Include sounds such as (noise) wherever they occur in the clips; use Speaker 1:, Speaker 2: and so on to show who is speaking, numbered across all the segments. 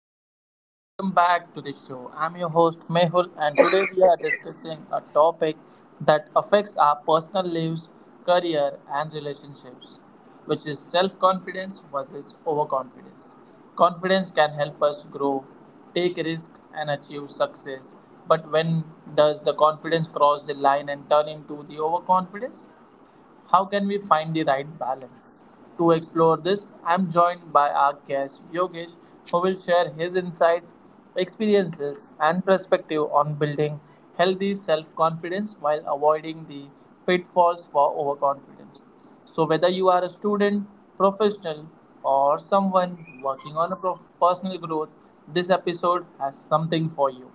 Speaker 1: everyone and welcome back to the show. I'm your host Mehul and today we are discussing a topic that affects our personal lives, career and relationships, which is self-confidence versus overconfidence. Confidence can help us grow, take risks, and achieve success, but when does the confidence cross the line and turn into the overconfidence? How can we find the right balance? To explore this, I'm joined by our guest Yogesh, who will share his insights, experiences, and perspective on building healthy self confidence while avoiding the pitfalls for overconfidence. So, whether you are a student, professional, or someone working on a personal growth, this episode has something for you.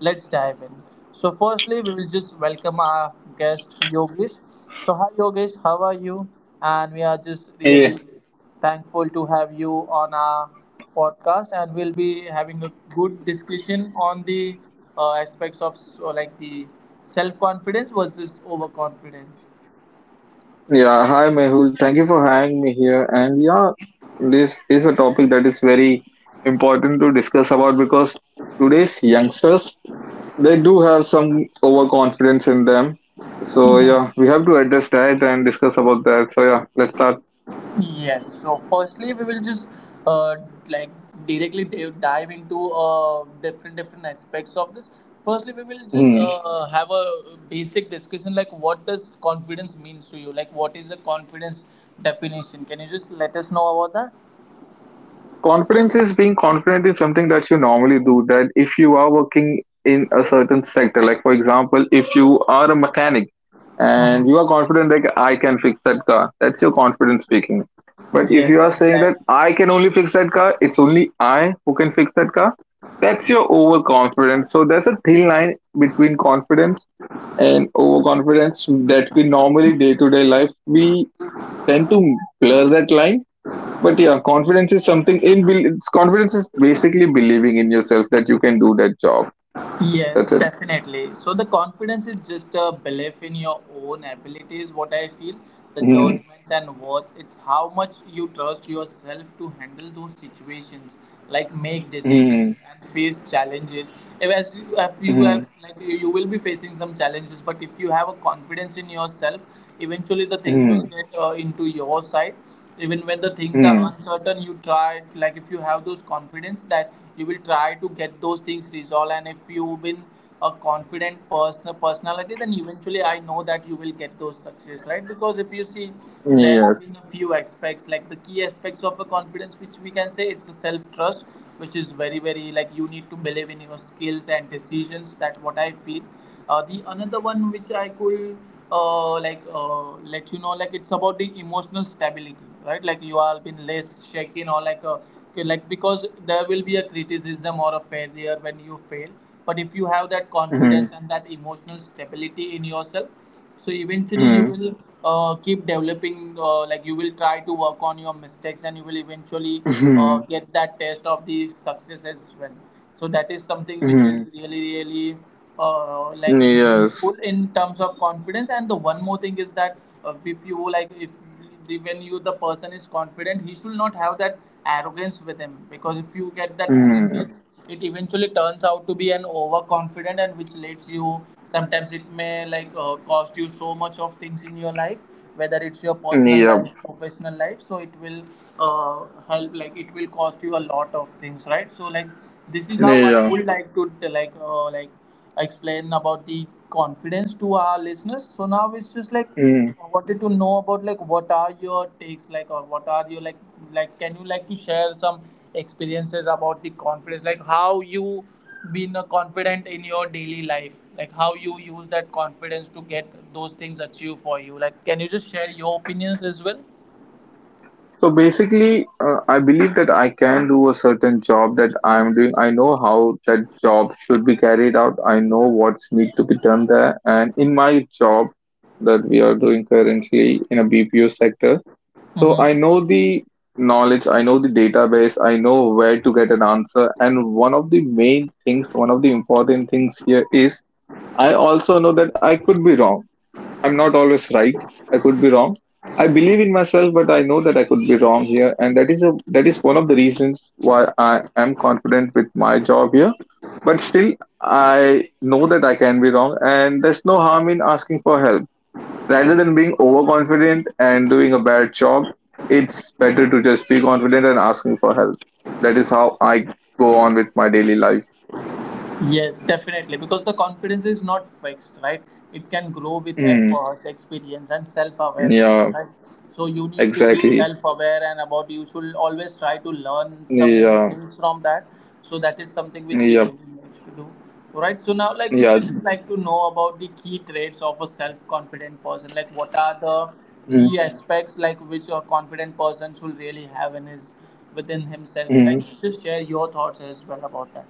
Speaker 1: Let's dive in. So, firstly, we will just welcome our guest Yogesh. So, hi Yogesh, how are you? And we are just
Speaker 2: Yeah,
Speaker 1: really thankful to have you on our podcast, and we'll be having a good discussion on the aspects of so like the self confidence versus overconfidence.
Speaker 2: yeah. Hi, Mehul. Thank you for having me here. And yeah, this is a topic that is very important to discuss about because today's youngsters they do have some overconfidence in them. So yeah, we have to address that and discuss about that. So yeah, let's start.
Speaker 1: Yes. So firstly, we will just uh, like directly dive into different aspects of this. Firstly, we will just
Speaker 2: Hmm.
Speaker 1: have a basic discussion like what does confidence means to you? Like what is the confidence definition? Can you just let us know about that?
Speaker 2: Confidence is being confident in something that you normally do. That if you are working in a certain sector, like for example, if you are a mechanic and
Speaker 1: Mhm.
Speaker 2: you are confident that I can fix that car, that's your confidence speaking. But if you
Speaker 1: Yes,
Speaker 2: are saying that
Speaker 1: exactly.
Speaker 2: I can only fix that car, it's only I who can fix that car, that's your overconfidence. So there's a thin line between confidence and overconfidence that we normally day to day life we tend to blur that line, but yeah, confidence is something it's confidence is basically believing in yourself that you can do that job.
Speaker 1: Yes,
Speaker 2: That's it.
Speaker 1: definitely. So the confidence is just a belief in your own abilities. What I feel, the
Speaker 2: Hmm.
Speaker 1: judgments and worth. It's how much you trust yourself to handle those situations, like make decisions
Speaker 2: Hmm.
Speaker 1: and face challenges. If as you, if you
Speaker 2: Hmm.
Speaker 1: have like you will be facing some challenges, but if you have a confidence in yourself, eventually the things will
Speaker 2: Hmm.
Speaker 1: get into your side even when the things are
Speaker 2: Hmm.
Speaker 1: uncertain, you try like if you have those confidence that you will try to get those things resolved. And if you've been a confident person personality, then eventually I know that you will get those success, right? Because if you see, there have
Speaker 2: Yes.
Speaker 1: been a few aspects like the key aspects of a confidence, which we can say it's a self trust, which is very like you need to believe in your skills and decisions, that what I feel. The another one which I could like let you know, like it's about the emotional stability, right? Like you are been less shaken, or like okay, like because there will be a criticism or a failure when you fail. But if you have that
Speaker 2: Hmm.
Speaker 1: confidence and that emotional stability in yourself, so eventually you
Speaker 2: Hmm.
Speaker 1: will keep developing. Like you will try to work on your mistakes and you will eventually
Speaker 2: Hmm.
Speaker 1: get that taste of the success as well. So that is something which is
Speaker 2: Hmm.
Speaker 1: really really like
Speaker 2: Yes.
Speaker 1: meaningful in terms of confidence. And the one more thing is that if you like if when you, the person is confident, he should not have that arrogance with him. Because if you get that
Speaker 2: Hmm.
Speaker 1: arrogance, it eventually turns out to be an overconfident and which leads you, sometimes it may like cost you so much of things in your life, whether it's your personal
Speaker 2: Yeah.
Speaker 1: life, professional life. So it will uh, help like it will cost you a lot of things, right? So like this is how I
Speaker 2: Yeah.
Speaker 1: would like to like like explain about the confidence to our listeners. So now it's just like
Speaker 2: Hmm.
Speaker 1: I wanted to know about like what are your takes like or what are your like can you like to share some experiences about the confidence, like how you been confident in your daily life, like how you use that confidence to get those things achieved for you. Like can you just share your opinions as well?
Speaker 2: So basically, I believe that I can do a certain job that I'm doing. I know how that job should be carried out. I know what's need to be done there. And in my job that we are doing currently in a BPO sector, so I
Speaker 1: Mm-hmm.
Speaker 2: know the knowledge, I know the database, I know where to get an answer. And one of the main things, one of the important things here is I also know that I could be wrong. I'm not always right. I could be wrong. I believe in myself, but I know that I could be wrong here, and that is one of the reasons why I am confident with my job here. But still, I know that I can be wrong, and there's no harm in asking for help. Rather than being overconfident and doing a bad job, it's better to just be confident and asking for help. That is how I go on with my daily life.
Speaker 1: Yes, definitely. Because the confidence is not fixed, right? It can grow with
Speaker 2: Mm,
Speaker 1: efforts, experience, and self awareness,
Speaker 2: yeah,
Speaker 1: right? So you need to be
Speaker 2: exactly.
Speaker 1: self aware and about you should always try to learn some new
Speaker 2: Yeah,
Speaker 1: things from that. So that is something which we
Speaker 2: yeah,
Speaker 1: really need to do. Right. So now like we will
Speaker 2: yeah.
Speaker 1: just like to know about the key traits of a self confident person. Like what are the
Speaker 2: Mm,
Speaker 1: key aspects like which a confident person should really have in his within himself. So like
Speaker 2: mm.
Speaker 1: just share your thoughts as well about that.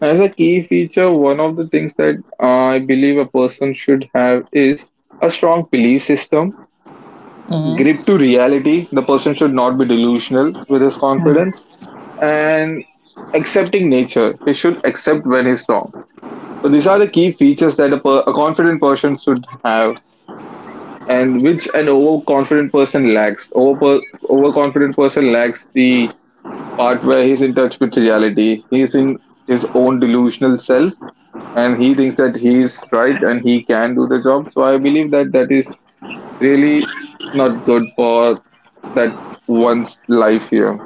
Speaker 2: As a key feature, one of the things that I believe a person should have is a strong belief system, grip
Speaker 1: Mm-hmm.
Speaker 2: to reality. The person should not be delusional with his confidence and accepting nature. He should accept when he's wrong. So these are the key features that a confident person should have and which an overconfident person lacks. Overconfident person lacks the part where he's in touch with reality. He's in his own delusional self and he thinks that he's right and he can do the job. So I believe that that is really not good for that one's life here.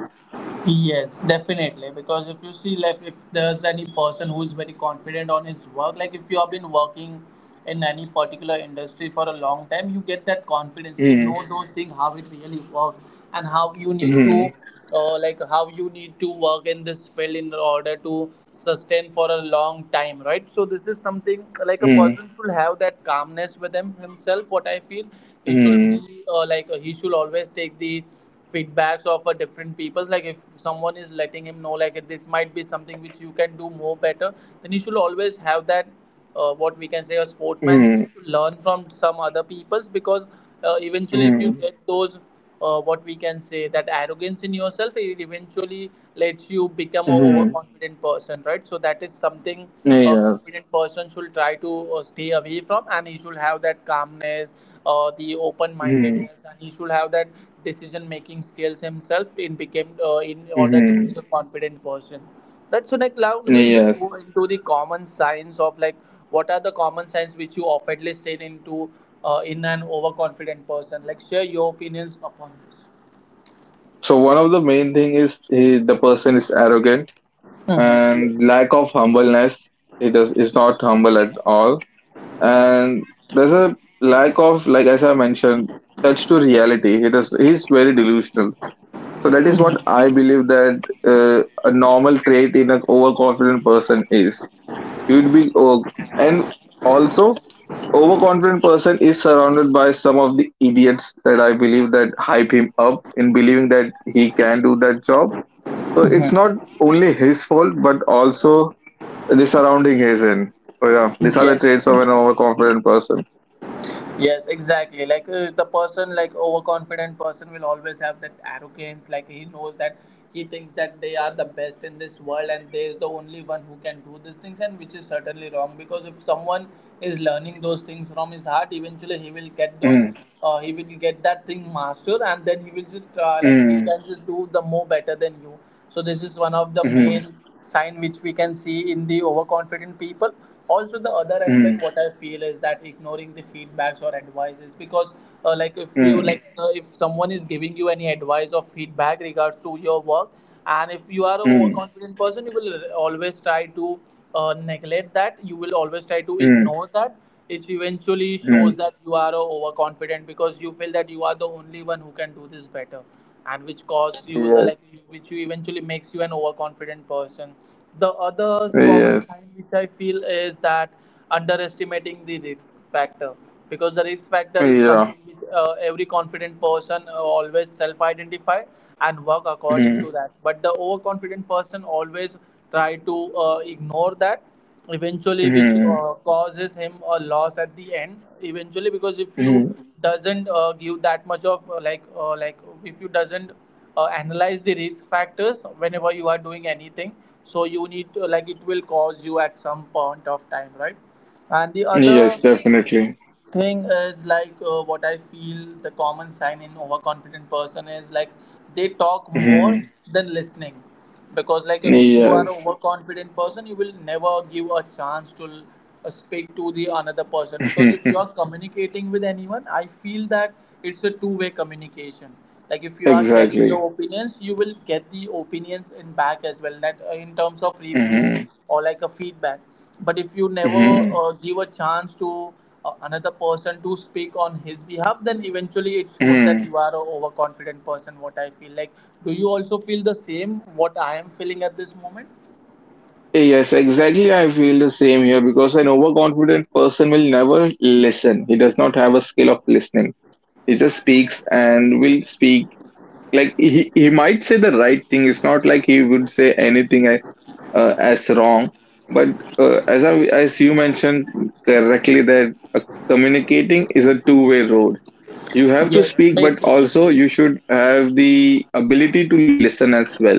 Speaker 1: Yes, definitely. Because if you see, like, if there's any person who is very confident on his work, like if you have been working in any particular industry for a long time, you get that confidence. You
Speaker 2: Mm,
Speaker 1: know those things, how it really works, and how you
Speaker 2: mm,
Speaker 1: need to, like, how you need to work in this field in order to sustain for a long time, right? So this is something
Speaker 2: mm,
Speaker 1: like a person should have that calmness with him himself. What I feel, he
Speaker 2: mm,
Speaker 1: should be like he should always take the feedbacks of different peoples. Like if someone is letting him know like this might be something which you can do more better, then you should always have that what we can say a
Speaker 2: mm,
Speaker 1: sportsmanship to learn from some other peoples. Because eventually if you
Speaker 2: mm,
Speaker 1: get those what we can say that arrogance in yourself, it eventually lets you become a
Speaker 2: mm,
Speaker 1: overconfident person, right? So that is something a
Speaker 2: yes.
Speaker 1: confident person should try to stay away from. And he should have that calmness, the open
Speaker 2: Mm,
Speaker 1: mindedness, and he should have that decision making skills himself in became in order to be
Speaker 2: mm.
Speaker 1: a confident person, right? So like now we'll just
Speaker 2: Yes.
Speaker 1: go into the common signs of like what are the common signs which you oftenly see into in an overconfident person. Like share your opinions upon this.
Speaker 2: So one of the main thing is he, the person is arrogant
Speaker 1: Mhm.
Speaker 2: and lack of humbleness. He does is not humble at all. And there's a lack of, like, as I mentioned, touch to reality. He's very delusional. So that is what I believe that a normal trait in an overconfident person is he would be, oh, and also overconfident person is surrounded by some of the idiots that I believe that hype him up in believing that he can do that job. So it's not
Speaker 1: Mhm.
Speaker 2: only his fault but also the surrounding is in. So yeah, these are the
Speaker 1: Yes.
Speaker 2: traits of an overconfident person.
Speaker 1: Yes, exactly. Like the person, like overconfident person, will always have that arrogance. Like he knows that, he thinks that they are the best in this world and they is the only one who can do these things, and which is certainly wrong. Because if someone is learning those things from his heart, eventually he will get those.
Speaker 2: Mm,
Speaker 1: He will get that thing mastered, and then he will just like he
Speaker 2: mm,
Speaker 1: can just do the more better than you. So this is one of the
Speaker 2: mhm,
Speaker 1: main sign which we can see in the overconfident people. Also, the other
Speaker 2: mm,
Speaker 1: aspect what I feel is that ignoring the feedbacks or advices. Because like if you
Speaker 2: mm,
Speaker 1: like if someone is giving you any advice or feedback regards to your work, and if you are an
Speaker 2: mm,
Speaker 1: overconfident person, you will always try to neglect that. You will always try to
Speaker 2: mm,
Speaker 1: ignore that. It eventually
Speaker 2: mhm.
Speaker 1: shows that you are overconfident because you feel that you are the only one who can do this better, and which causes you the
Speaker 2: Yes.
Speaker 1: like, which you eventually makes you an overconfident person. The other common
Speaker 2: Yes.
Speaker 1: sign which I feel is that underestimating the risk factor. Because the risk factor is
Speaker 2: Yeah.
Speaker 1: something which every confident person always self identify and work according
Speaker 2: Mhm,
Speaker 1: to that. But the overconfident person always try to ignore that, eventually which
Speaker 2: mhm,
Speaker 1: causes him a loss at the end eventually. Because if you
Speaker 2: mhm.
Speaker 1: doesn't give that much of like if you doesn't analyze the risk factors whenever you are doing anything, so you need to, like it will cause you at some point of time, right? And the other
Speaker 2: Yes, definitely.
Speaker 1: thing is like what I feel the common sign in overconfident person is like they talk more
Speaker 2: Mhm.
Speaker 1: than listening. Because like if you are
Speaker 2: Yes.
Speaker 1: overconfident person, you will never give a chance to speak to the another person. Because if you are
Speaker 2: (laughs)
Speaker 1: communicating with anyone, I feel that it's a two-way communication. Like if you are sharing
Speaker 2: Exactly.
Speaker 1: your opinions, you will get the opinions in back as well, that in terms of review
Speaker 2: Mhm,
Speaker 1: or like a feedback. But if you never
Speaker 2: mhm,
Speaker 1: give a chance to another person to speak on his behalf, then eventually it shows that you
Speaker 2: mhm.
Speaker 1: are a overconfident person, what I feel. Like do you also feel the same what I am feeling at this moment?
Speaker 2: Yes, exactly. I feel the same here because an overconfident person will never listen. He does not have a skill of listening. He just speaks and will speak like he might say the right thing. It's not like he would say anything as wrong. But as you mentioned correctly, that communicating is a two-way road. You have to
Speaker 1: Yes,
Speaker 2: speak, but
Speaker 1: basically,
Speaker 2: also you
Speaker 1: yes,
Speaker 2: should have the ability to listen as well.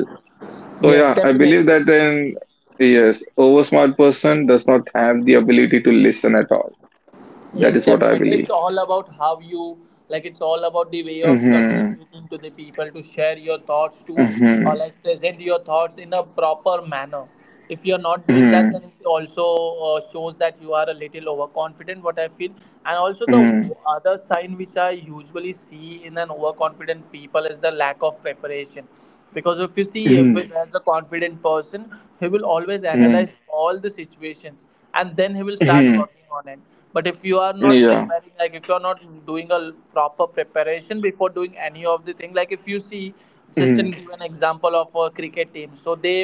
Speaker 2: So
Speaker 1: yes,
Speaker 2: yeah, I believe
Speaker 1: definitely.
Speaker 2: that an yes, over smart person does not have the ability to listen at all. That
Speaker 1: Yes,
Speaker 2: is what I
Speaker 1: definitely. It's
Speaker 2: believe.
Speaker 1: all about how you like. It's all about the way of
Speaker 2: Hmm.
Speaker 1: communicating to the people, to share your thoughts to or
Speaker 2: Hmm.
Speaker 1: like present your thoughts in a proper manner. If you're not doing that,
Speaker 2: Hmm.
Speaker 1: then it also shows that you are a little overconfident. What I feel, and also the
Speaker 2: Hmm.
Speaker 1: other sign which I usually see in an overconfident people is the lack of preparation. Because if you see, if it
Speaker 2: Hmm.
Speaker 1: as a confident person, he will always
Speaker 2: Hmm.
Speaker 1: analyze all the situations and then he will start
Speaker 2: Hmm.
Speaker 1: working on it. But if you are not
Speaker 2: Yeah.
Speaker 1: preparing, like if you are not doing a proper preparation before doing any of the thing, like if you see, just an
Speaker 2: Hmm.
Speaker 1: give an example of a cricket team, so they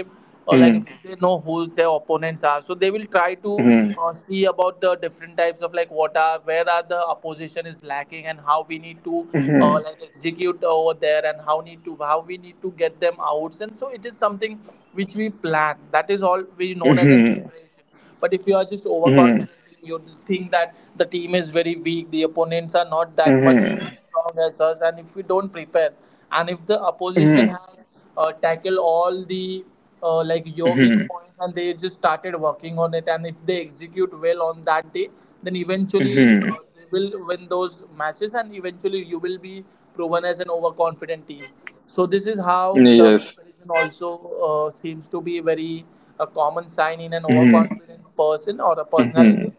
Speaker 1: or like
Speaker 2: Hmm.
Speaker 1: if they know who their opponents are, so they will try to
Speaker 2: Hmm.
Speaker 1: see about the different types of, like, what are, where are the opposition is lacking and how we need to like execute over there and how need to, how we need to get them outs. And so it is something which we plan, that is all we known as an
Speaker 2: Hmm.
Speaker 1: preparation. But if you are just
Speaker 2: Hmm.
Speaker 1: overconfident, you just think that the team is very weak, the opponents are not that much of
Speaker 2: Mm-hmm.
Speaker 1: strong as us, and if we don't prepare, and if the opposition
Speaker 2: Mm-hmm.
Speaker 1: has tackled all the like your weak
Speaker 2: Mm-hmm.
Speaker 1: points and they just started working on it, and if they execute well on that day, then eventually
Speaker 2: Mm-hmm.
Speaker 1: will win those matches and eventually you will be proven as an overconfident team. So this is how the
Speaker 2: Yes.
Speaker 1: preparation also seems to be very a common sign in an
Speaker 2: Mm-hmm.
Speaker 1: overconfident person or a
Speaker 2: Mm-hmm.
Speaker 1: personality.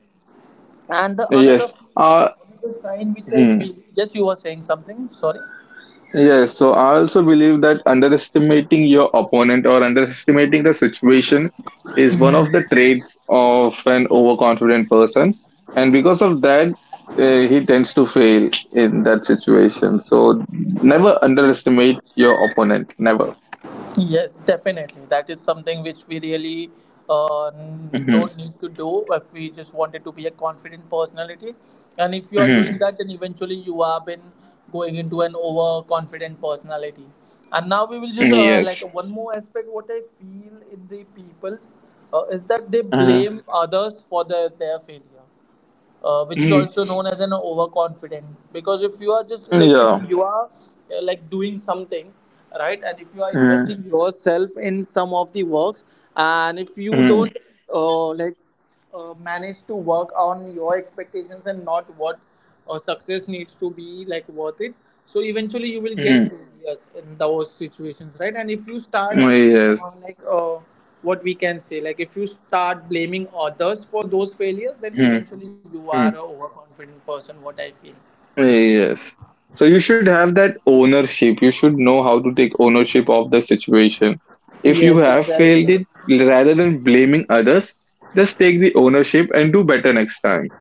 Speaker 1: And the
Speaker 2: Yes. Uh,
Speaker 1: another sign which I feel,
Speaker 2: hmm.
Speaker 1: yes, you were saying something, sorry.
Speaker 2: Yes. So I also believe that underestimating your opponent or underestimating the situation is one of the traits of an overconfident person, and because of that, he tends to fail in that situation. So never underestimate your opponent. Never.
Speaker 1: Yes, definitely. That is something which we really uh,
Speaker 2: Mm-hmm.
Speaker 1: don't need to do if we just wanted to be a confident personality. And if you are doing
Speaker 2: Mm-hmm.
Speaker 1: that, then eventually you are been going into an overconfident personality. And now we will just like
Speaker 2: Yes.
Speaker 1: one more aspect. What I feel in the people's is that they
Speaker 2: Mm-hmm.
Speaker 1: blame others for the, their failure, which is
Speaker 2: Mm-hmm.
Speaker 1: also known as an overconfident. Because if you are just, like if
Speaker 2: Yeah.
Speaker 1: you are like doing something right, and if you are
Speaker 2: Mm-hmm.
Speaker 1: investing yourself in some of the works, and if you
Speaker 2: Mm-hmm.
Speaker 1: don't like manage to work on your expectations and not what or success needs to be, like, worth it, so eventually you will get failures in those situations, right? And if you start
Speaker 2: Oh, yes.
Speaker 1: like what we can say, like if you start blaming others for those failures, then
Speaker 2: Mm-hmm.
Speaker 1: eventually you are a overconfident person, what I feel.
Speaker 2: Yes. So you should have that ownership. You should know how to take ownership of the situation. If you
Speaker 1: Yes,
Speaker 2: have failed
Speaker 1: exactly.
Speaker 2: it, rather than blaming others, just take the ownership and do better next time.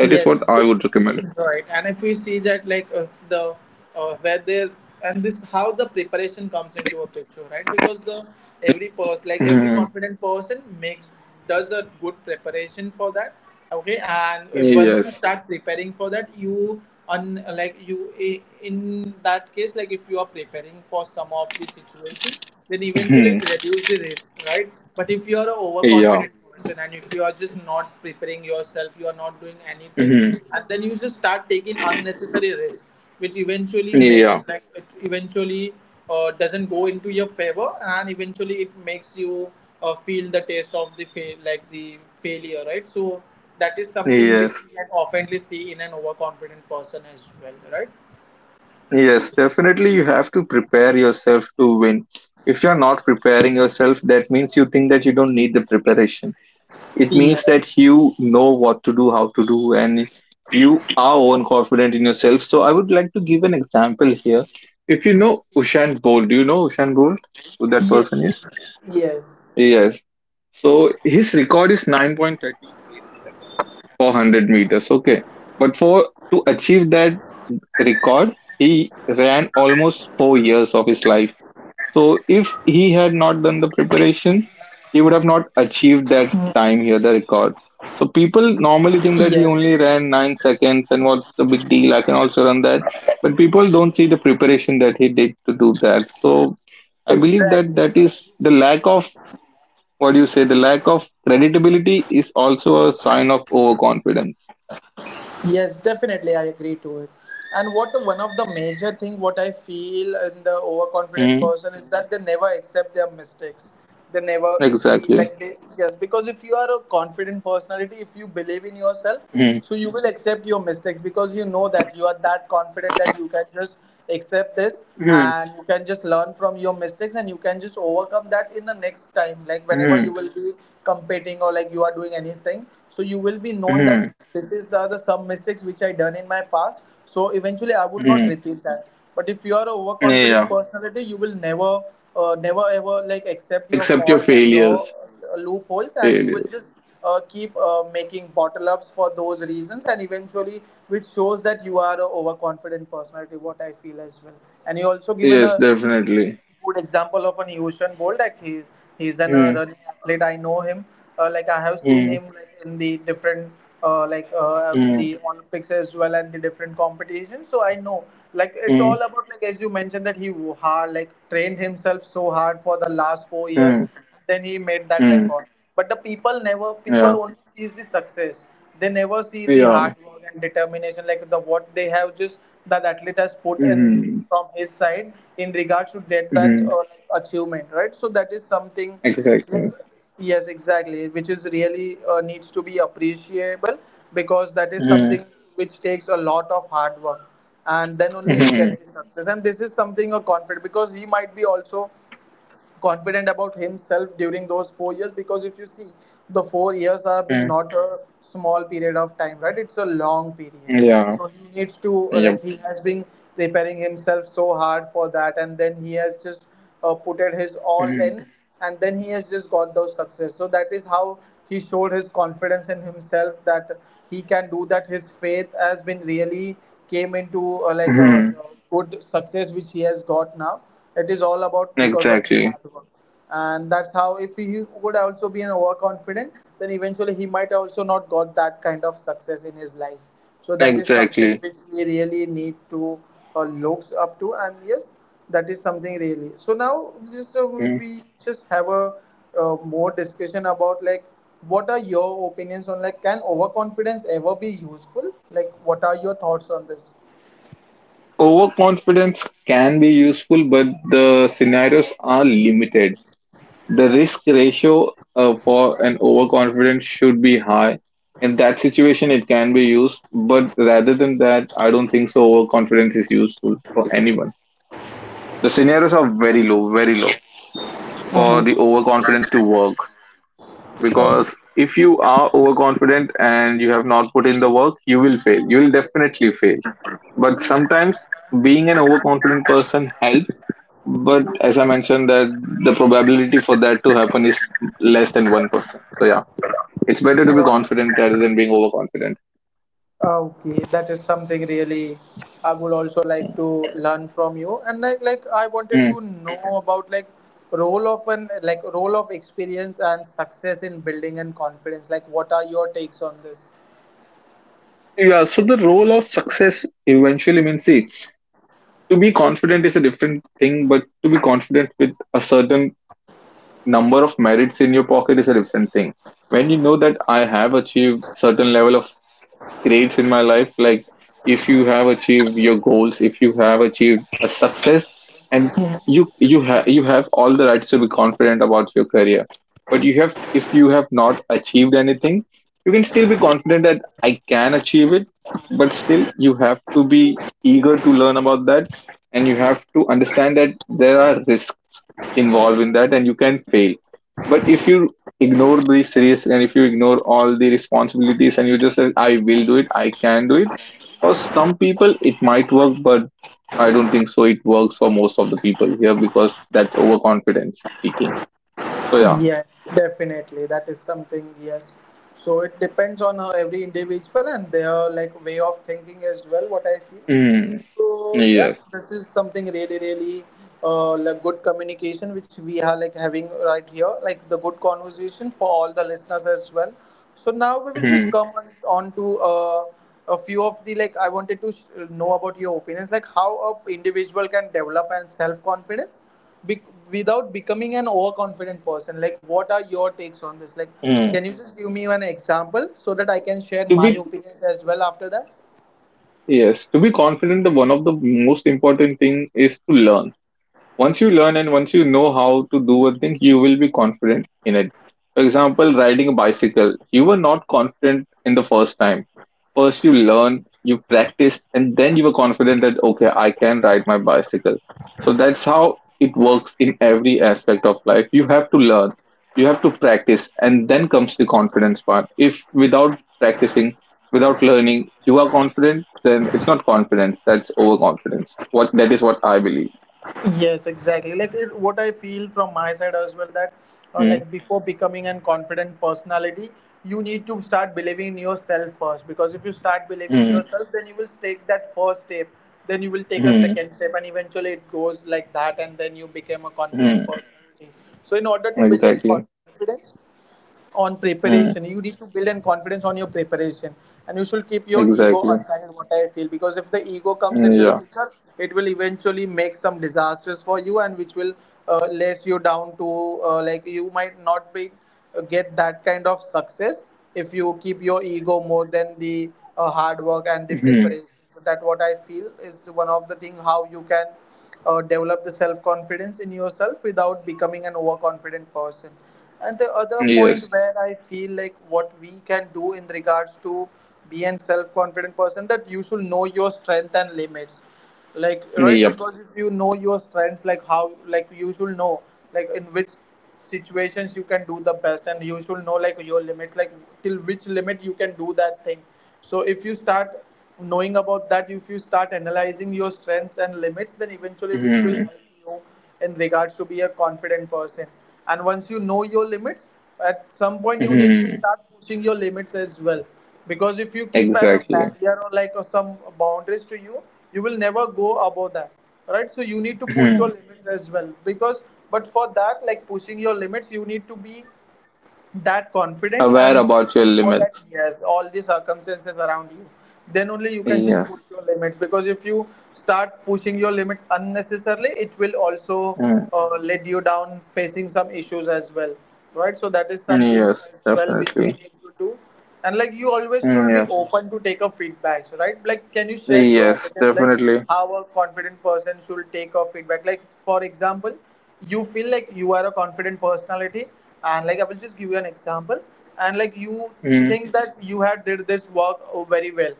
Speaker 2: That is
Speaker 1: Yes,
Speaker 2: what I would recommend.
Speaker 1: right. And if we see that, like, if the where they, and this how the preparation comes into a picture, right? Because the every person, like every
Speaker 2: Mhm.
Speaker 1: confident person, makes does a good preparation for that. Okay, and once you
Speaker 2: Yes.
Speaker 1: start preparing for that, you un like you I- in that case, like if you are preparing for some of the situation, then eventually
Speaker 2: Mhm.
Speaker 1: it reduce the risk, right? But if you are an
Speaker 2: Yeah.
Speaker 1: overconfident person and if you are just not preparing yourself, you are not doing anything,
Speaker 2: Mhm.
Speaker 1: and then you just start taking unnecessary risk, which eventually makes,
Speaker 2: Yeah.
Speaker 1: like it eventually doesn't go into your favor, and eventually it makes you feel the taste of the fail, like the failure, right? So that is something which
Speaker 2: Yes.
Speaker 1: you can oftenly see in an overconfident person as well, right?
Speaker 2: Yes. Definitely, you have to prepare yourself to win. If you're not preparing yourself, that means you think that you don't need the preparation. It
Speaker 1: Yes,
Speaker 2: means that you know what to do, how to do, and you are own confident in yourself. So I would like to give an example here. If you know Ushan Bolt, do you know Ushan Bolt? Who that
Speaker 1: yes,
Speaker 2: person is?
Speaker 1: yes,
Speaker 2: Yes. So his record is 9.38 for 100 meters. Okay. But for to achieve that record, he ran almost 4 years of his life. So if he had not done the preparations, he would have not achieved that time here, the record. So people normally
Speaker 1: yes,
Speaker 2: think that he only ran 9 seconds and what's the big deal? I can also run that. But people don't see the preparation that he did to do that. So I believe
Speaker 1: exactly.
Speaker 2: that that is the lack of, what do you say? The lack of creditability is also a sign of overconfidence.
Speaker 1: Yes, definitely, I agree to it. And what one of the major thing what I feel in the overconfident
Speaker 2: Mm,
Speaker 1: person is that they never accept their mistakes. They never see,
Speaker 2: exactly.
Speaker 1: like they, yes, because if you are a confident personality, if you believe in yourself,
Speaker 2: Mm,
Speaker 1: so you will accept your mistakes because you know that you are that confident that you can just accept this
Speaker 2: mm,
Speaker 1: and you can just learn from your mistakes and you can just overcome that in the next time, like whenever
Speaker 2: mm,
Speaker 1: you will be competing or like you are doing anything, so you will be known that
Speaker 2: mm,
Speaker 1: this is the some mistakes which I done in my past, so eventually I will not
Speaker 2: mm.
Speaker 1: repeat that. But if you are a overconfident
Speaker 2: Yeah.
Speaker 1: personality, you will never never ever like accept your
Speaker 2: Accept your
Speaker 1: faults and your
Speaker 2: failures.
Speaker 1: loopholes, and you will
Speaker 2: Failures.
Speaker 1: just keep making bottle ups for those reasons, and eventually which shows that you are a overconfident personality, what I feel as well. And you also given
Speaker 2: Yes,
Speaker 1: a
Speaker 2: definitely.
Speaker 1: good example of an Usain Bolt. Like he, he's an
Speaker 2: Mm,
Speaker 1: running athlete. I know him. Like I have seen
Speaker 2: mm,
Speaker 1: him, like, in the different like
Speaker 2: mm,
Speaker 1: the Olympics as well and the different competitions. So I know, like it's
Speaker 2: mm,
Speaker 1: all about, like, as you mentioned that hard, like trained himself so hard for the last 4 years.
Speaker 2: mm,
Speaker 1: Then he made that
Speaker 2: mm.
Speaker 1: record. But the people never people
Speaker 2: Yeah,
Speaker 1: only sees the success, they never see the
Speaker 2: yeah.
Speaker 1: hard work and determination, like the what they have just, that athlete has put in
Speaker 2: Mm-hmm.
Speaker 1: from his side in regards to get that
Speaker 2: Mm-hmm.
Speaker 1: like, achievement, right? So that is something, yes,
Speaker 2: Exactly.
Speaker 1: yes, exactly, which is really needs to be appreciable, because that is
Speaker 2: Mm-hmm.
Speaker 1: something which takes a lot of hard work, and then only you
Speaker 2: Mm-hmm.
Speaker 1: get the success. And this is something a confident, because he might be also confident about himself during those 4 years, because if you see, the 4 years have been not a small period of time, right? It's a long period.
Speaker 2: Yeah.
Speaker 1: So he needs to like
Speaker 2: Yep.
Speaker 1: he has been preparing himself so hard for that, and then he has just put it his all
Speaker 2: Mm-hmm.
Speaker 1: in, and then he has just got those success. So that is how he showed his confidence in himself, that he can do that. His faith has been really came into like
Speaker 2: Mm-hmm.
Speaker 1: the good success which he has got now. It is all about because of his
Speaker 2: Exactly.
Speaker 1: hard work. And that's how if he would also be an overconfident, then eventually he might also not got that kind of success in his life. So that is something
Speaker 2: Exactly.
Speaker 1: which we really need to look up to. And yes, that is something really. So now, just if
Speaker 2: Mm.
Speaker 1: we just have a more discussion about, like, what are your opinions on, like, can overconfidence ever be useful? Like, what are your thoughts on this?
Speaker 2: Overconfidence can be useful, but the scenarios are limited. The risk ratio for an overconfidence should be high. In that situation, it can be used, but rather than that, I don't think so. Overconfidence is useful for anyone. The scenarios are very low for
Speaker 1: Mhm.
Speaker 2: the overconfidence to work because if you are overconfident and you have not put in the work, you will fail. You will definitely fail. But sometimes being an overconfident person helps. But as I mentioned, that the probability for that to happen is less than 1%. So yeah. It's better to be confident rather than being overconfident.
Speaker 1: Ah, okay, that is something really I would also like to learn from you. And like I wanted
Speaker 2: Mm.
Speaker 1: to know about, like, role of an, like, role of experience and success in building and confidence. Like, what are your takes on this?
Speaker 2: Yeah, so the role of success eventually means, see, to be confident is a different thing, but to be confident with a certain number of merits in your pocket is a different thing. When you know that I have achieved certain level of grades in my life, like if you have achieved your goals, if you have achieved a success, and you have all the rights to be confident about your career. But you have, if you have not achieved anything, you can still be confident that I can achieve it. But still you have to be eager to learn about that, and you have to understand that there are risks involved in that and you can fail. But if you ignore these risks and if you ignore all the responsibilities and you just say, I will do it, I can do it. For some people it might work, but I don't think so it works for most of the people here because that's overconfidence speaking. So yeah.
Speaker 1: Yes, definitely. That is something, yes. So it depends on every individual and their, like, way of thinking as well, what I feel.
Speaker 2: Mm,
Speaker 1: So yes,
Speaker 2: yes.
Speaker 1: this is something really, really like good communication which we are, like, having right here, like the good conversation for all the listeners as well. So now we will just
Speaker 2: Mm,
Speaker 1: come on to a few of the, like, I wanted to know about your opinions, like how a individual can develop and self confidence be- without becoming an overconfident person. Like, what are your takes on this? Like,
Speaker 2: mm.
Speaker 1: can you just give me an example so that I can share
Speaker 2: to
Speaker 1: my
Speaker 2: be
Speaker 1: opinions as well after that?
Speaker 2: yes to be confident, the one of the most important thing is to learn. Once you learn and once you know how to do a thing, you will be confident in it. For example, riding a bicycle, you were not confident in the first time. First, you learn, you practice, and then you were confident that, okay, I can ride my bicycle. So that's how it works in every aspect of life. You have to learn, you have to practice, and then comes the confidence part. If without practicing, without learning, you are confident, then it's not confidence, that's overconfidence. What That is what I believe.
Speaker 1: Yes, exactly. Like it, what I feel from my side as well, that like before becoming an confident personality, you need to start believing in yourself first, because if you start believing in
Speaker 2: Mm.
Speaker 1: yourself, then you will take that first step, then you will take a
Speaker 2: Hmm.
Speaker 1: second step, and eventually it goes like that, and then you become a
Speaker 2: Hmm.
Speaker 1: confident personality. So in order to build in
Speaker 2: Exactly.
Speaker 1: confidence, on preparation
Speaker 2: Hmm.
Speaker 1: you need to build in confidence on your preparation, and you should keep your ego
Speaker 2: Exactly.
Speaker 1: aside, what I feel, because if the ego comes
Speaker 2: Mm,
Speaker 1: into the
Speaker 2: yeah.
Speaker 1: picture, it will eventually make some disasters for you, and which will let you down to like you might not be get that kind of success if you keep your ego more than the hard work and the
Speaker 2: Hmm.
Speaker 1: preparation. So that what I feel is one of the thing how you can develop the self confidence in yourself without becoming an overconfident person. And the other
Speaker 2: Yes.
Speaker 1: point where I feel like what we can do in regards to be an self confident person, that you should know your strength and limits. Like, right,
Speaker 2: Yep.
Speaker 1: because if you know your strengths, like you should know like in which situations you can do the best, and you should know like your limits, like till which limit you can do that thing. So if you start knowing about that, if you start analyzing your strengths and limits, then eventually which will
Speaker 2: Hmm.
Speaker 1: help you in regards to be a confident person. And once you know your limits, at some point you need to
Speaker 2: Hmm.
Speaker 1: start pushing your limits as well. Because if you keep a
Speaker 2: Exactly.
Speaker 1: barrier or like or some boundaries to you, you will never go above that, right? So you need to push your
Speaker 2: Hmm.
Speaker 1: limits as well because, but for that, like pushing your limits, you need to be that confident and
Speaker 2: Aware
Speaker 1: you need
Speaker 2: about your
Speaker 1: to know that,
Speaker 2: limits.
Speaker 1: yes, all the circumstances around you, then only you can just push
Speaker 2: Yes.
Speaker 1: your limits. Because if you start pushing your limits unnecessarily, it will also
Speaker 2: Hmm.
Speaker 1: let you down facing some issues as well, right? So that is something
Speaker 2: Yes.
Speaker 1: as well which we
Speaker 2: Definitely.
Speaker 1: need to do. And like you always
Speaker 2: Hmm.
Speaker 1: should be
Speaker 2: Yeah.
Speaker 1: open to take a feedback, right? Like can you share your
Speaker 2: Yes.
Speaker 1: opinions, like
Speaker 2: Definitely.
Speaker 1: how a confident person should take a feedback? Like for example, you feel like you are a confident personality, and like I will just give you an example. And like you
Speaker 2: Hmm.
Speaker 1: think that you had did this work very well,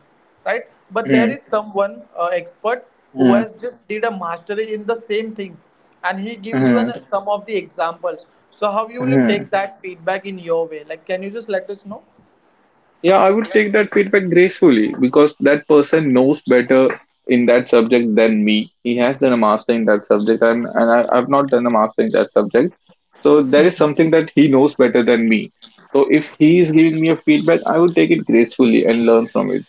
Speaker 1: right? But there
Speaker 2: Hmm.
Speaker 1: is someone expert who
Speaker 2: Hmm.
Speaker 1: has just did a mastery in the same thing, and he gives you
Speaker 2: Hmm.
Speaker 1: some of the examples. So how you will
Speaker 2: Hmm.
Speaker 1: take that feedback in your way, like can you just let us know?
Speaker 2: Yeah, I would take that feedback gracefully because that person knows better in that subject than me. He has done a master in that subject, and I've not done a master in that subject. So there is something that he knows better than me. So if he is giving me a feedback, I would take it gracefully and learn from it.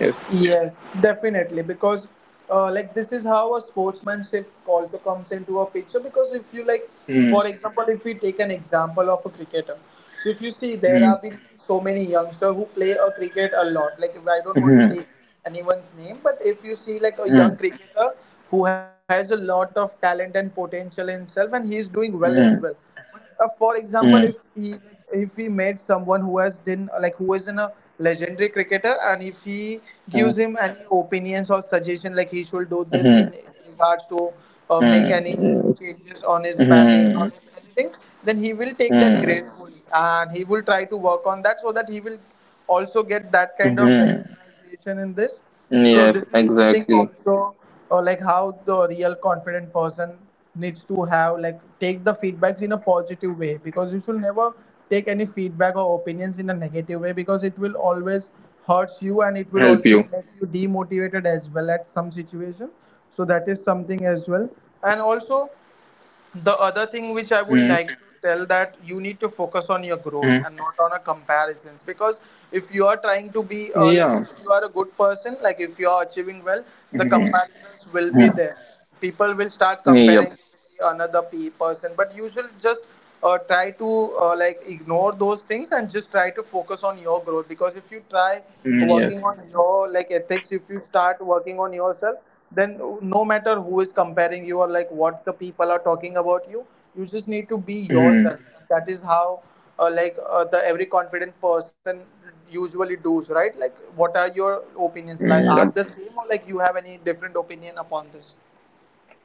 Speaker 2: Yes.
Speaker 1: Yes, definitely. Because, like, this is how a sportsmanship also comes into a picture. Because if you like,
Speaker 2: Mm,
Speaker 1: for example, if we take an example of a cricketer, so if you see, there
Speaker 2: mm,
Speaker 1: have been so many youngsters who play a cricket a lot. Like, if I don't want to
Speaker 2: mm,
Speaker 1: take anyone's name, but if you see like a young
Speaker 2: mm,
Speaker 1: cricketer who has a lot of talent and potential in himself, and he is doing well as well.
Speaker 2: mm,
Speaker 1: For example, if
Speaker 2: mm,
Speaker 1: he if he met someone who has done like who is in a legendary cricketer, and if he gives
Speaker 2: mm,
Speaker 1: him any opinions or suggestion like he should do this in
Speaker 2: mm,
Speaker 1: regards to make any
Speaker 2: mm,
Speaker 1: changes on his batting
Speaker 2: mm,
Speaker 1: or anything, then he will take that
Speaker 2: mm,
Speaker 1: gracefully and he will try to work on that so that he will also get that kind of recognition
Speaker 2: mm.
Speaker 1: personalization in this. So
Speaker 2: Yes,
Speaker 1: this is something
Speaker 2: exactly.
Speaker 1: also or like how the real confident person needs to have like take the feedbacks in a positive way, because you should never take any feedback or opinions in a negative way, because it will always hurts you and it will
Speaker 2: Help
Speaker 1: also
Speaker 2: you.
Speaker 1: make you demotivated as well at some situation. So that is something as well. And also the other thing
Speaker 2: Mm,
Speaker 1: which I would like to tell, that you need to focus on your
Speaker 2: mm.
Speaker 1: growth and not on a comparisons. Because if you are trying to
Speaker 2: Yeah.
Speaker 1: be like, if you are a good person, like if you are achieving well, the comparisons will be
Speaker 2: Mhm.
Speaker 1: there. People will start
Speaker 2: Yep.
Speaker 1: comparing with person, but you should just try to like ignore those things and just try to focus on your growth. Because if you try
Speaker 2: Mm, yes.
Speaker 1: working on your like ethics, if you start working on yourself, then no matter who is comparing you or like what the people are talking about you, you just need to be yourself.
Speaker 2: Mhm.
Speaker 1: That is how the every confident person usually does, right? Like what are your opinions, like
Speaker 2: Mm,
Speaker 1: are
Speaker 2: yep.
Speaker 1: the same or like you have any different opinion upon this?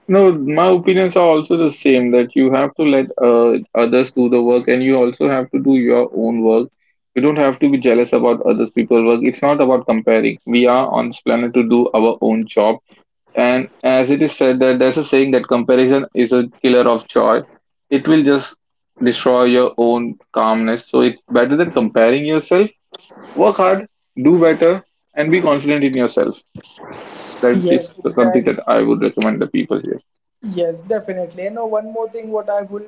Speaker 2: No, my opinions are also the same that you have to let others do the work and you also have to do your own work. You don't have to be jealous about others people's work. It's not about comparing. We are on this planet to do our own job. And as it is said that there's a saying that comparison is a killer of joy. It will just destroy your own calmness. So it's better than comparing yourself. Work hard, do better, and be confident in yourself. That
Speaker 1: Yes,
Speaker 2: is something
Speaker 1: exactly.
Speaker 2: that I would recommend the people here.
Speaker 1: Yes, definitely. And know, one more thing, what I will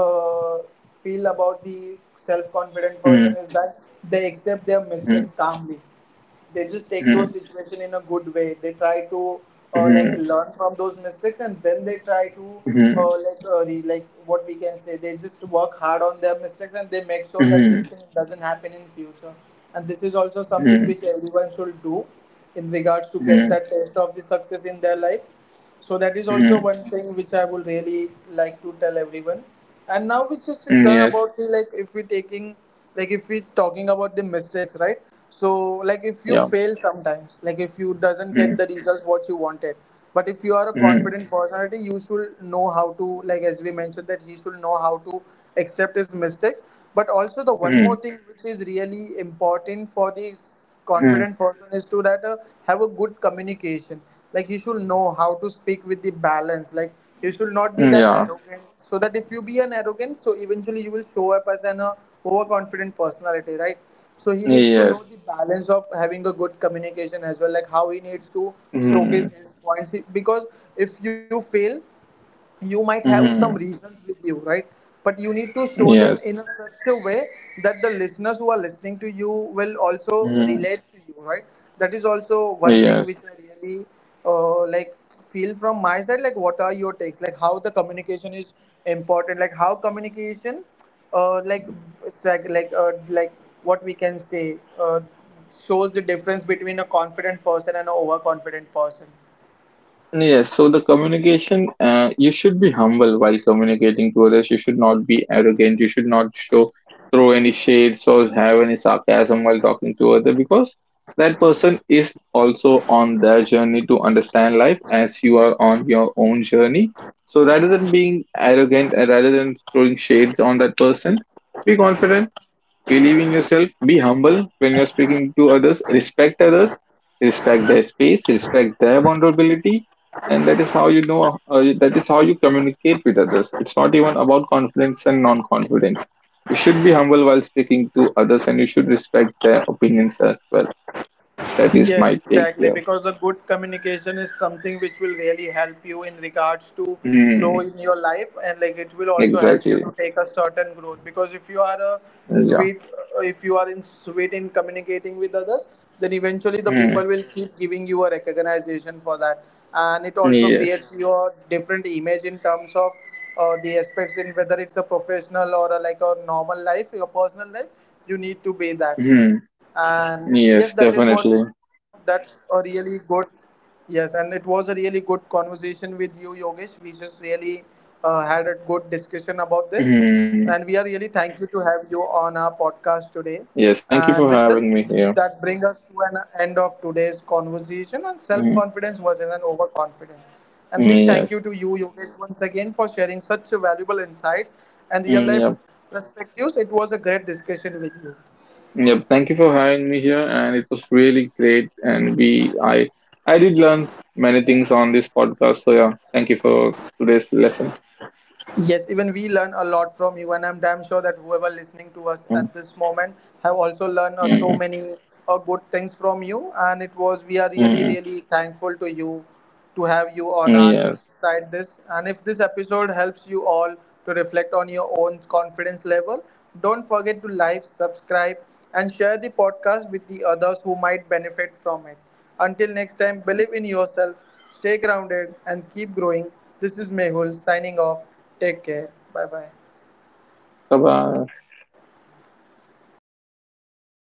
Speaker 1: feel about the self-confident
Speaker 2: Hmm.
Speaker 1: person is that they accept their
Speaker 2: Hmm.
Speaker 1: mistakes calmly. They just take those
Speaker 2: Hmm.
Speaker 1: situation in a good way. They try to
Speaker 2: Hmm.
Speaker 1: like learn from those mistakes, and then they try to
Speaker 2: Hmm.
Speaker 1: what we can say. They just work hard on their mistakes, and they make sure that
Speaker 2: Hmm.
Speaker 1: this thing doesn't happen in future. And this is also
Speaker 2: Hmm.
Speaker 1: something which everyone should do in regards to get
Speaker 2: Mm,
Speaker 1: that taste of the success in their life. So that is also
Speaker 2: mm,
Speaker 1: one thing which I would really like to tell everyone. And now we just
Speaker 2: mm,
Speaker 1: turn
Speaker 2: yes.
Speaker 1: about the like if we taking like if we talking about the mistakes, right? So like if you
Speaker 2: Yeah.
Speaker 1: fail sometimes, like if you doesn't
Speaker 2: Hmm.
Speaker 1: get the results what you wanted, but if you are a
Speaker 2: Hmm.
Speaker 1: confident personality, you should know how to, like as we mentioned that he should know how to accept his mistakes. But also the one
Speaker 2: Hmm.
Speaker 1: more thing which is really important for the
Speaker 2: Hmm.
Speaker 1: confident person is to that have a good communication, like he should know how to speak with the balance. Like you should not be
Speaker 2: Hmm,
Speaker 1: that
Speaker 2: yeah.
Speaker 1: arrogant, so that if you be an arrogant, so eventually you will show up as an overconfident personality, right? So he needs to know
Speaker 2: Yes.
Speaker 1: the balance of having a good communication as well, like how he needs to showcase
Speaker 2: Hmm.
Speaker 1: his points. Because if you fail, you might have some
Speaker 2: Hmm.
Speaker 1: reasons with you, right? But you need to show
Speaker 2: Hmm,
Speaker 1: them
Speaker 2: yes.
Speaker 1: in a such a way that the listeners who are listening to you will also
Speaker 2: Hmm.
Speaker 1: relate to you, right? That is also one thing
Speaker 2: Yes.
Speaker 1: which I really uh, like feel from my side. Like what are your takes, like how the communication is important, like how communication uh, like sec- like uh, like what we can say, shows the difference between a confident person and an overconfident person.
Speaker 2: Yes, so the communication, you should be humble while communicating to others. You should not be arrogant. You should not show, throw any shades or have any sarcasm while talking to other because that person is also on their journey to understand life as you are on your own journey. So rather than being arrogant, rather than throwing shades on that person, be confident. Believe in yourself. Be humble when you're speaking to others. Respect others. Respect their space. Respect their vulnerability. And that is how you know. That is how you communicate with others. It's not even about confidence and non-confidence. You should be humble while speaking to others, and you should respect their opinions as well. That is
Speaker 1: Yes,
Speaker 2: my take
Speaker 1: exactly.
Speaker 2: here.
Speaker 1: Because a good communication is something which will really help you in regards to grow
Speaker 2: Hmm.
Speaker 1: in your life, and like it will also help you
Speaker 2: Exactly.
Speaker 1: to take a certain growth. Because if you are a
Speaker 2: Yeah.
Speaker 1: sweet, if you are in sweet in communicating with others, then eventually the
Speaker 2: Hmm.
Speaker 1: people will keep giving you a recognition for that, and it also
Speaker 2: Yes.
Speaker 1: creates your different image in terms of the aspects in whether it's a professional or a, like a normal life, your personal life. You need to be that.
Speaker 2: Hmm.
Speaker 1: And yes, that is what,
Speaker 2: Yes.
Speaker 1: that's a
Speaker 2: Definitely.
Speaker 1: really good. Yes, and it was a really good conversation with you, Yogesh. We just really had a good discussion about this, and we are really
Speaker 2: Hmm.
Speaker 1: thankful to have you on our podcast today. And with
Speaker 2: Yes.
Speaker 1: this,
Speaker 2: Thank you for
Speaker 1: that
Speaker 2: having me
Speaker 1: brings us
Speaker 2: here.
Speaker 1: to an end of today's conversation on self-confidence
Speaker 2: Hmm.
Speaker 1: versus an overconfidence. And big thank you to
Speaker 2: Hmm,
Speaker 1: you,
Speaker 2: yes.
Speaker 1: Yogesh, once again for sharing such valuable insights and real life
Speaker 2: Mm, yep.
Speaker 1: perspectives. It was a great discussion with you.
Speaker 2: Yep. Thank you for having me here, and it was really great. And I did learn many things on this podcast. So yeah, thank you for today's lesson.
Speaker 1: Yes, even we learn a lot from you, and I'm damn sure that whoever listening to us at
Speaker 2: Mm,
Speaker 1: this moment have also learned
Speaker 2: mm,
Speaker 1: so
Speaker 2: mm,
Speaker 1: many good things from you. And it was we are really
Speaker 2: mm,
Speaker 1: really thankful to you to have you on
Speaker 2: mm,
Speaker 1: our
Speaker 2: yes.
Speaker 1: side. This, and if this episode helps you all to reflect on your own confidence level, don't forget to like, subscribe, and share the podcast with the others who might benefit from it. Until next time, believe in yourself, stay grounded and keep growing. This is Mehul signing off. Take care. Bye bye.
Speaker 2: Bye bye.